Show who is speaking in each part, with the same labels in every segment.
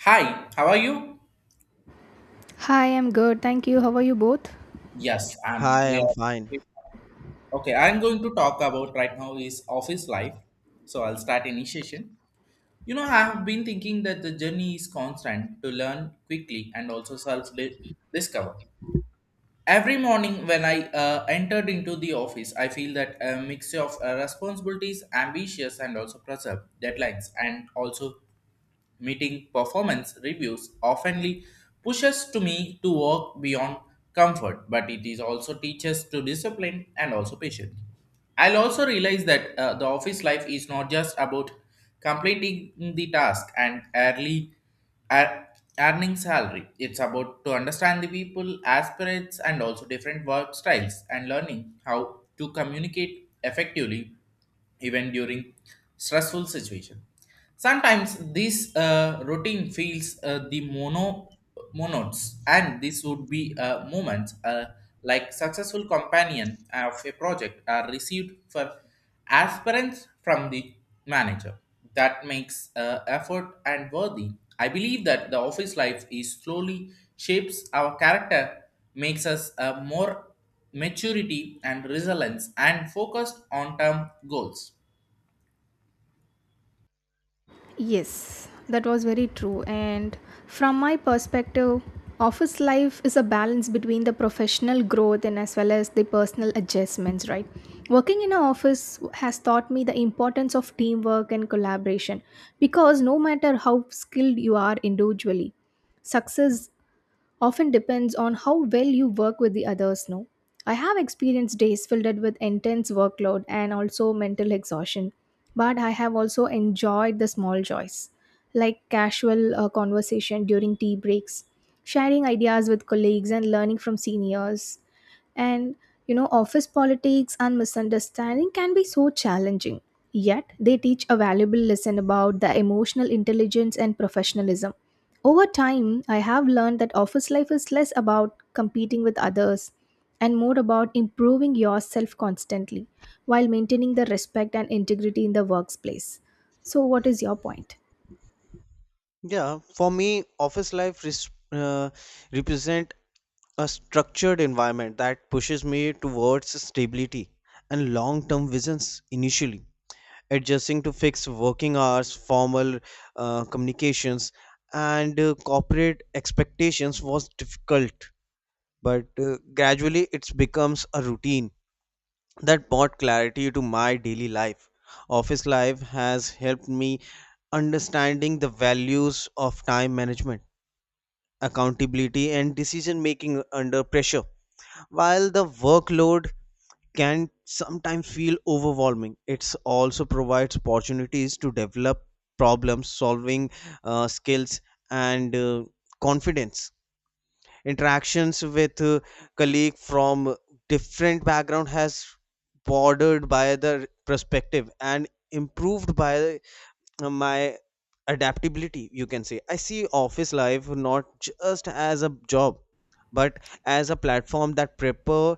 Speaker 1: Hi, how are you?
Speaker 2: Hi, I'm good. Thank you. How are you both?
Speaker 1: Yes, I'm.
Speaker 3: Hi,
Speaker 1: We
Speaker 3: I'm fine.
Speaker 1: are. Okay, I'm going to talk about right now is office life. So I'll start initiation. You know, I have been thinking that the journey is constant to learn quickly and also discover. Every morning when I entered into the office, I feel that a mixture of responsibilities, ambitious, and also pressure, deadlines, and also meeting performance reviews oftenly pushes to me to work beyond comfort, but it is also teaches to discipline and also patience. I'll also realize that the office life is not just about completing the task and ear- earning salary. It's about to understand the people, aspirates, and also different work styles and learning how to communicate effectively even during stressful situation. Sometimes this routine feels the monodes, and this would be moments like successful companion of a project are received for aspirants from the manager. That makes effort and worthy. I believe that the office life is slowly shapes our character, makes us more maturity and resilience and focused on term goals.
Speaker 2: Yes, that was very true. And from my perspective, office life is a balance between the professional growth and as well as the personal adjustments, right? Working in an office has taught me the importance of teamwork and collaboration because no matter how skilled you are individually, success often depends on how well you work with the others. No, I have experienced days filled with intense workload and also mental exhaustion, but I have also enjoyed the small joys like casual conversation during tea breaks, sharing ideas with colleagues and learning from seniors. and Office politics and misunderstanding can be so challenging. Yet, they teach a valuable lesson about the emotional intelligence and professionalism. Over time, I have learned that office life is less about competing with others and more about improving yourself constantly while maintaining the respect and integrity in the workplace. So, what is your point?
Speaker 3: Yeah, for me, office life res uh, represent a structured environment that pushes me towards stability and long-term visions initially, adjusting to fixed working hours, formal communications, and corporate expectations was difficult, but gradually it becomes a routine that brought clarity to my daily life. Office life has helped me understanding the values of time management, accountability and decision making under pressure. While the workload can sometimes feel overwhelming, it also provides opportunities to develop problem solving skills and confidence. Interactions with colleague from different background has bordered by the perspective and improved by my adaptability, you can say. I see office life not just as a job, but as a platform that prepare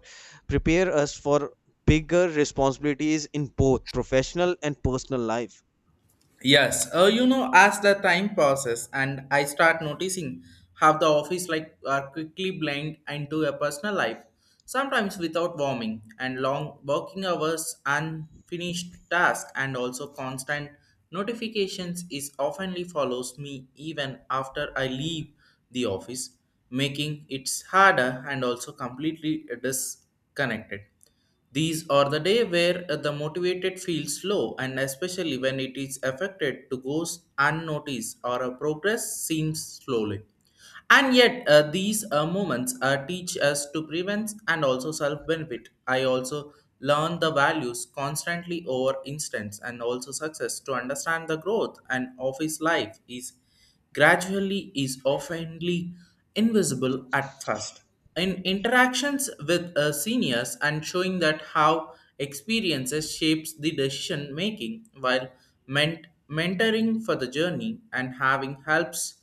Speaker 3: prepare us for bigger responsibilities in both professional and personal life.
Speaker 1: Yes, you know, as the time passes and I start noticing how the office like are quickly blend into a personal life, sometimes without warming and long working hours, unfinished tasks, and also constant notifications is oftenly follows me even after I leave the office, making it harder and also completely disconnected. These are the day where the motivated feels low and especially when it is affected to goes unnoticed or a progress seems slowly. And yet these moments teach us to prevent and also self-benefit. I also learn the values constantly over instance and also success to understand the growth and office life is gradually is oftenly invisible at first in interactions with seniors and showing that how experiences shapes the decision making while mentoring for the journey and having helps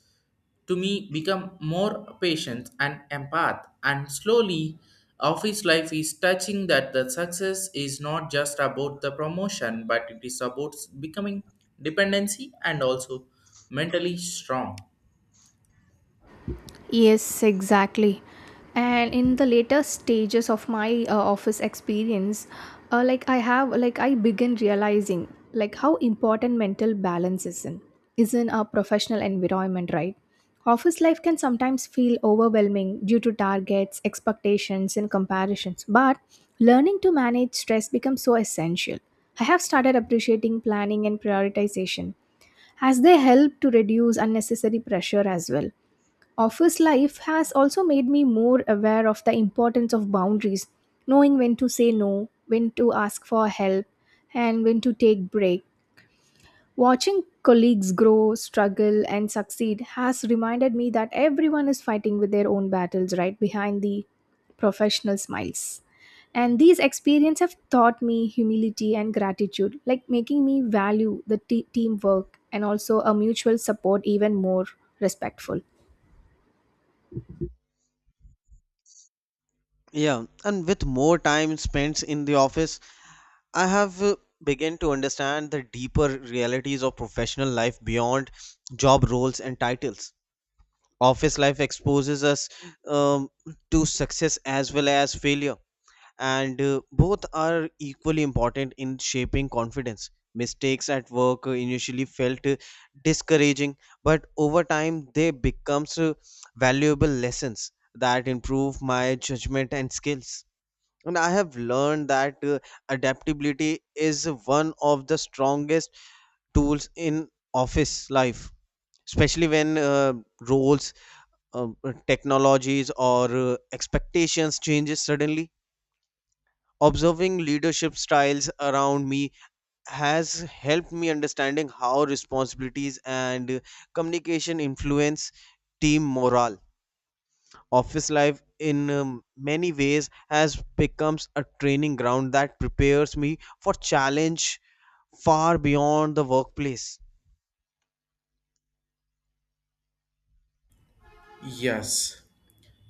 Speaker 1: to me become more patient and empath and slowly office life is touching that the success is not just about the promotion but it is about becoming dependency and also mentally strong.
Speaker 2: Yes, exactly. And in the later stages of my office experience, I begin realizing like how important mental balance is in a professional environment, right? Office life can sometimes feel overwhelming due to targets, expectations, and comparisons. But learning to manage stress becomes so essential. I have started appreciating planning and prioritization as they help to reduce unnecessary pressure as well. Office life has also made me more aware of the importance of boundaries, knowing when to say no, when to ask for help, and when to take break. Watching colleagues grow, struggle, and succeed has reminded me that everyone is fighting with their own battles right behind the professional smiles. And these experiences have taught me humility and gratitude, like making me value the teamwork and also a mutual support even more respectful.
Speaker 3: Yeah, and with more time spent in the office, I have begun to understand the deeper realities of professional life beyond job roles and titles. Office life exposes us, um, to success as well as failure, and both are equally important in shaping confidence. Mistakes at work initially felt discouraging, but over time they becomes valuable lessons that improve my judgment and skills. And I have learned that adaptability is one of the strongest tools in office life, especially when roles, uh, technologies, or expectations changes suddenly. Observing leadership styles around me has helped me understanding how responsibilities and communication influence team morale. Office life in many ways has becomes a training ground that prepares me for challenge far beyond the workplace.
Speaker 1: Yes.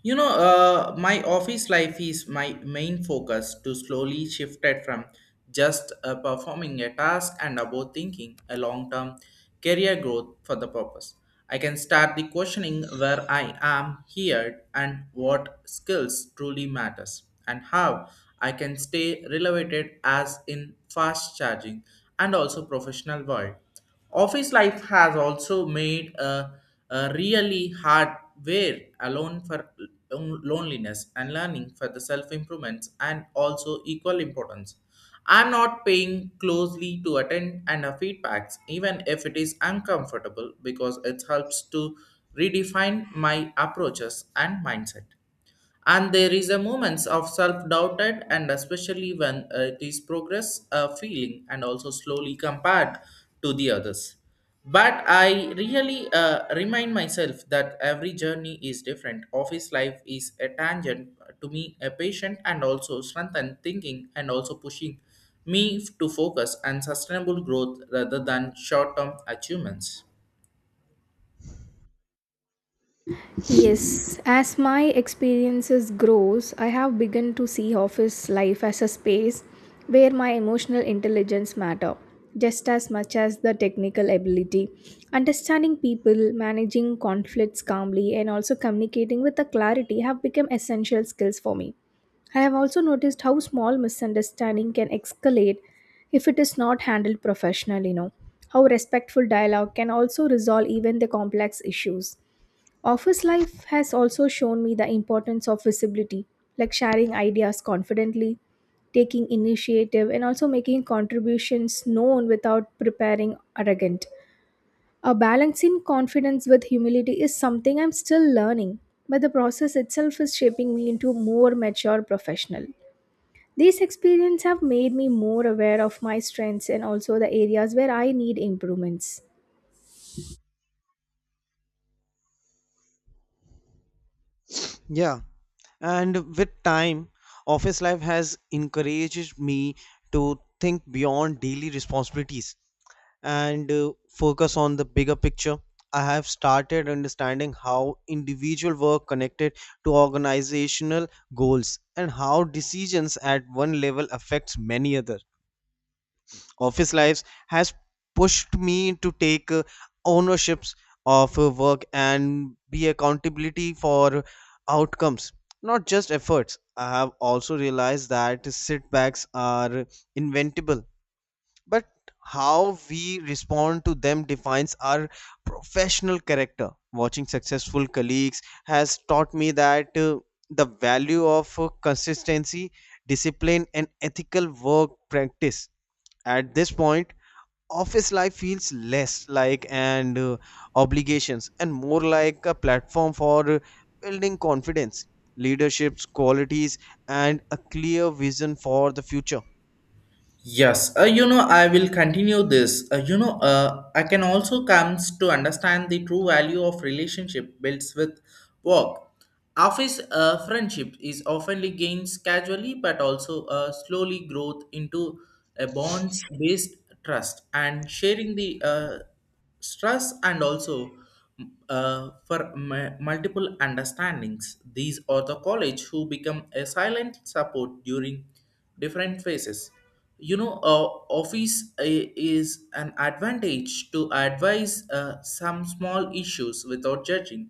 Speaker 1: You know, my office life is my main focus to slowly shifted from just performing a task and about thinking a long-term career growth for the purpose. I can start the questioning where I am here and what skills truly matters and how I can stay relevant as in fast charging and also professional world. Office life has also made a really hard where alone for loneliness and learning for the self improvements and also equal importance. I'm not paying closely to attend and feedbacks, even if it is uncomfortable, because it helps to redefine my approaches and mindset and there is a moments of self-doubted and especially when it is progress feeling and also slowly compared to the others but I really remind myself that every journey is different. Office life is a tangent to me a patient and also strengthen thinking and also pushing me to focus and sustainable growth rather than short-term achievements.
Speaker 2: Yes, as my experiences grows, I have begun to see office life as a space where my emotional intelligence matter just as much as the technical ability. Understanding people, managing conflicts calmly and also communicating with the clarity have become essential skills for me. I have also noticed how small misunderstanding can escalate if it is not handled professionally, you know. How respectful dialogue can also resolve even the complex issues. Office life has also shown me the importance of visibility, like sharing ideas confidently, taking initiative, and also making contributions known without preparing arrogant. A balancing confidence with humility is something I'm still learning, but the process itself is shaping me into more mature professional. These experiences have made me more aware of my strengths and also the areas where I need improvements.
Speaker 3: Yeah, and with time, office life has encouraged me to think beyond daily responsibilities and focus on the bigger picture. I have started understanding how individual work connected to organizational goals, and how decisions at one level affects many others. Office lives has pushed me to take ownerships of work and be accountability for outcomes, not just efforts. I have also realized that setbacks are inventable, but how we respond to them defines our professional character. Watching successful colleagues has taught me that the value of consistency, discipline and ethical work practice. At this point, office life feels less like and obligations, and more like a platform for building confidence, leadership's qualities, and a clear vision for the future.
Speaker 1: Yes, you know, I will continue this. You know, I can also comes to understand the true value of relationship builds with work. Office friendship is oftenly gains casually, but also slowly growth into a bonds based trust and sharing the stress and also for multiple understandings. These are the college who become a silent support during different phases. You know, office is an advantage to advise some small issues without judging.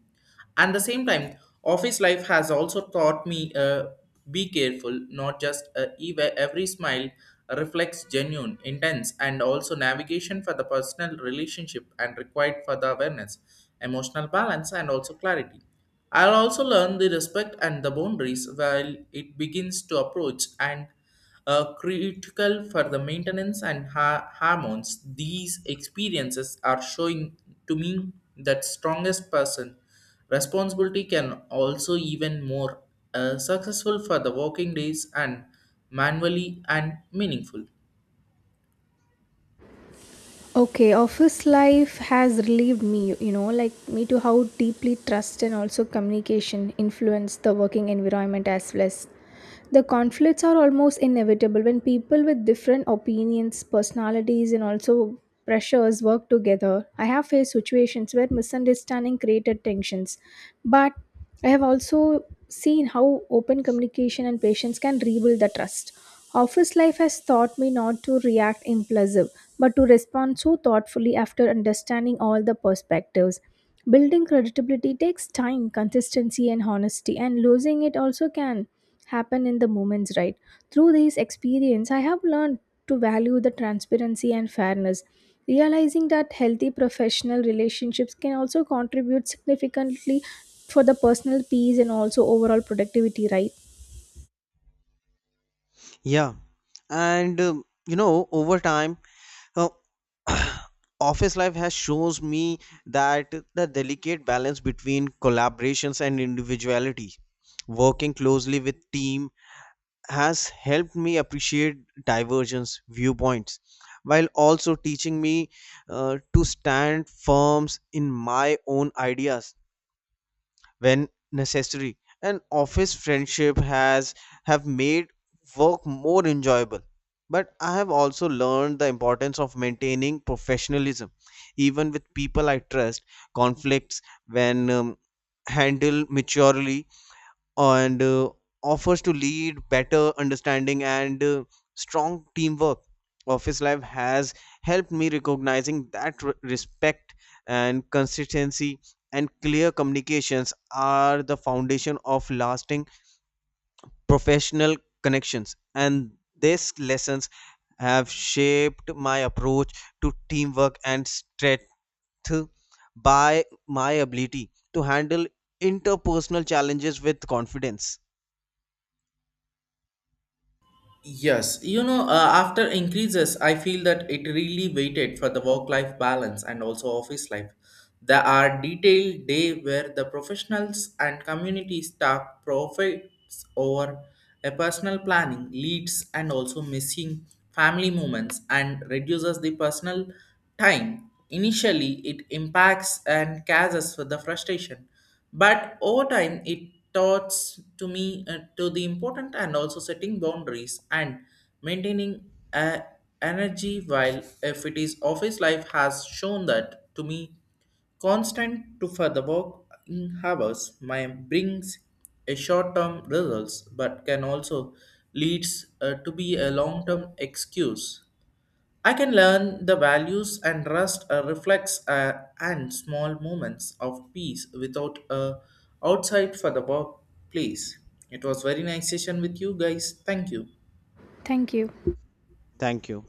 Speaker 1: At the same time office life has also taught me be careful not just every smile reflects genuine intense and also navigation for the personal relationship and required for the awareness emotional balance and also clarity. I'll also learn the respect and the boundaries while it begins to approach and critical for the maintenance and hormones. These experiences are showing to me that strongest person responsibility can also even more successful for the working days and manually and meaningful.
Speaker 2: Okay, office life has relieved me, you know, like me to how deeply trust and also communication influence the working environment as well as the conflicts are almost inevitable when people with different opinions, personalities, and also pressures work together. I have faced situations where misunderstanding created tensions, but I have also seen how open communication and patience can rebuild the trust. Office life has taught me not to react impulsive, but to respond so thoughtfully after understanding all the perspectives. Building credibility takes time, consistency, and honesty, and losing it also can happen in the moments, right? Through these experience, I have learned to value the transparency and fairness, realizing that healthy professional relationships can also contribute significantly for the personal peace and also overall productivity, right?
Speaker 3: Yeah, and over time uh, office life has shows me that the delicate balance between collaborations and individuality. Working closely with team has helped me appreciate divergence viewpoints, while also teaching me to stand firm in my own ideas when necessary. And office friendship has have made work more enjoyable, but I have also learned the importance of maintaining professionalism even with people I trust. Conflicts when handled maturely and offers to lead better understanding and strong teamwork. Office life has helped me recognizing that respect and consistency and clear communications are the foundation of lasting professional connections, and these lessons have shaped my approach to teamwork and strength by my ability to handle interpersonal challenges with confidence.
Speaker 1: Yes, you know, after increases, I feel that it really waited for the work life balance and also office life. There are detailed day where the professionals and community staff profits over a personal planning leads and also missing family moments and reduces the personal time. Initially, it impacts and causes with the frustration, but over time, it taughts to me to the important and also setting boundaries and maintaining energy. While if it is office life has shown that to me, constant to further work in hours my brings a short-term results, but can also leads to be a long-term excuse. I can learn the values and trust reflects and small moments of peace without outside for the workplace. It was very nice session with you guys. Thank you.
Speaker 2: Thank you.
Speaker 3: Thank you.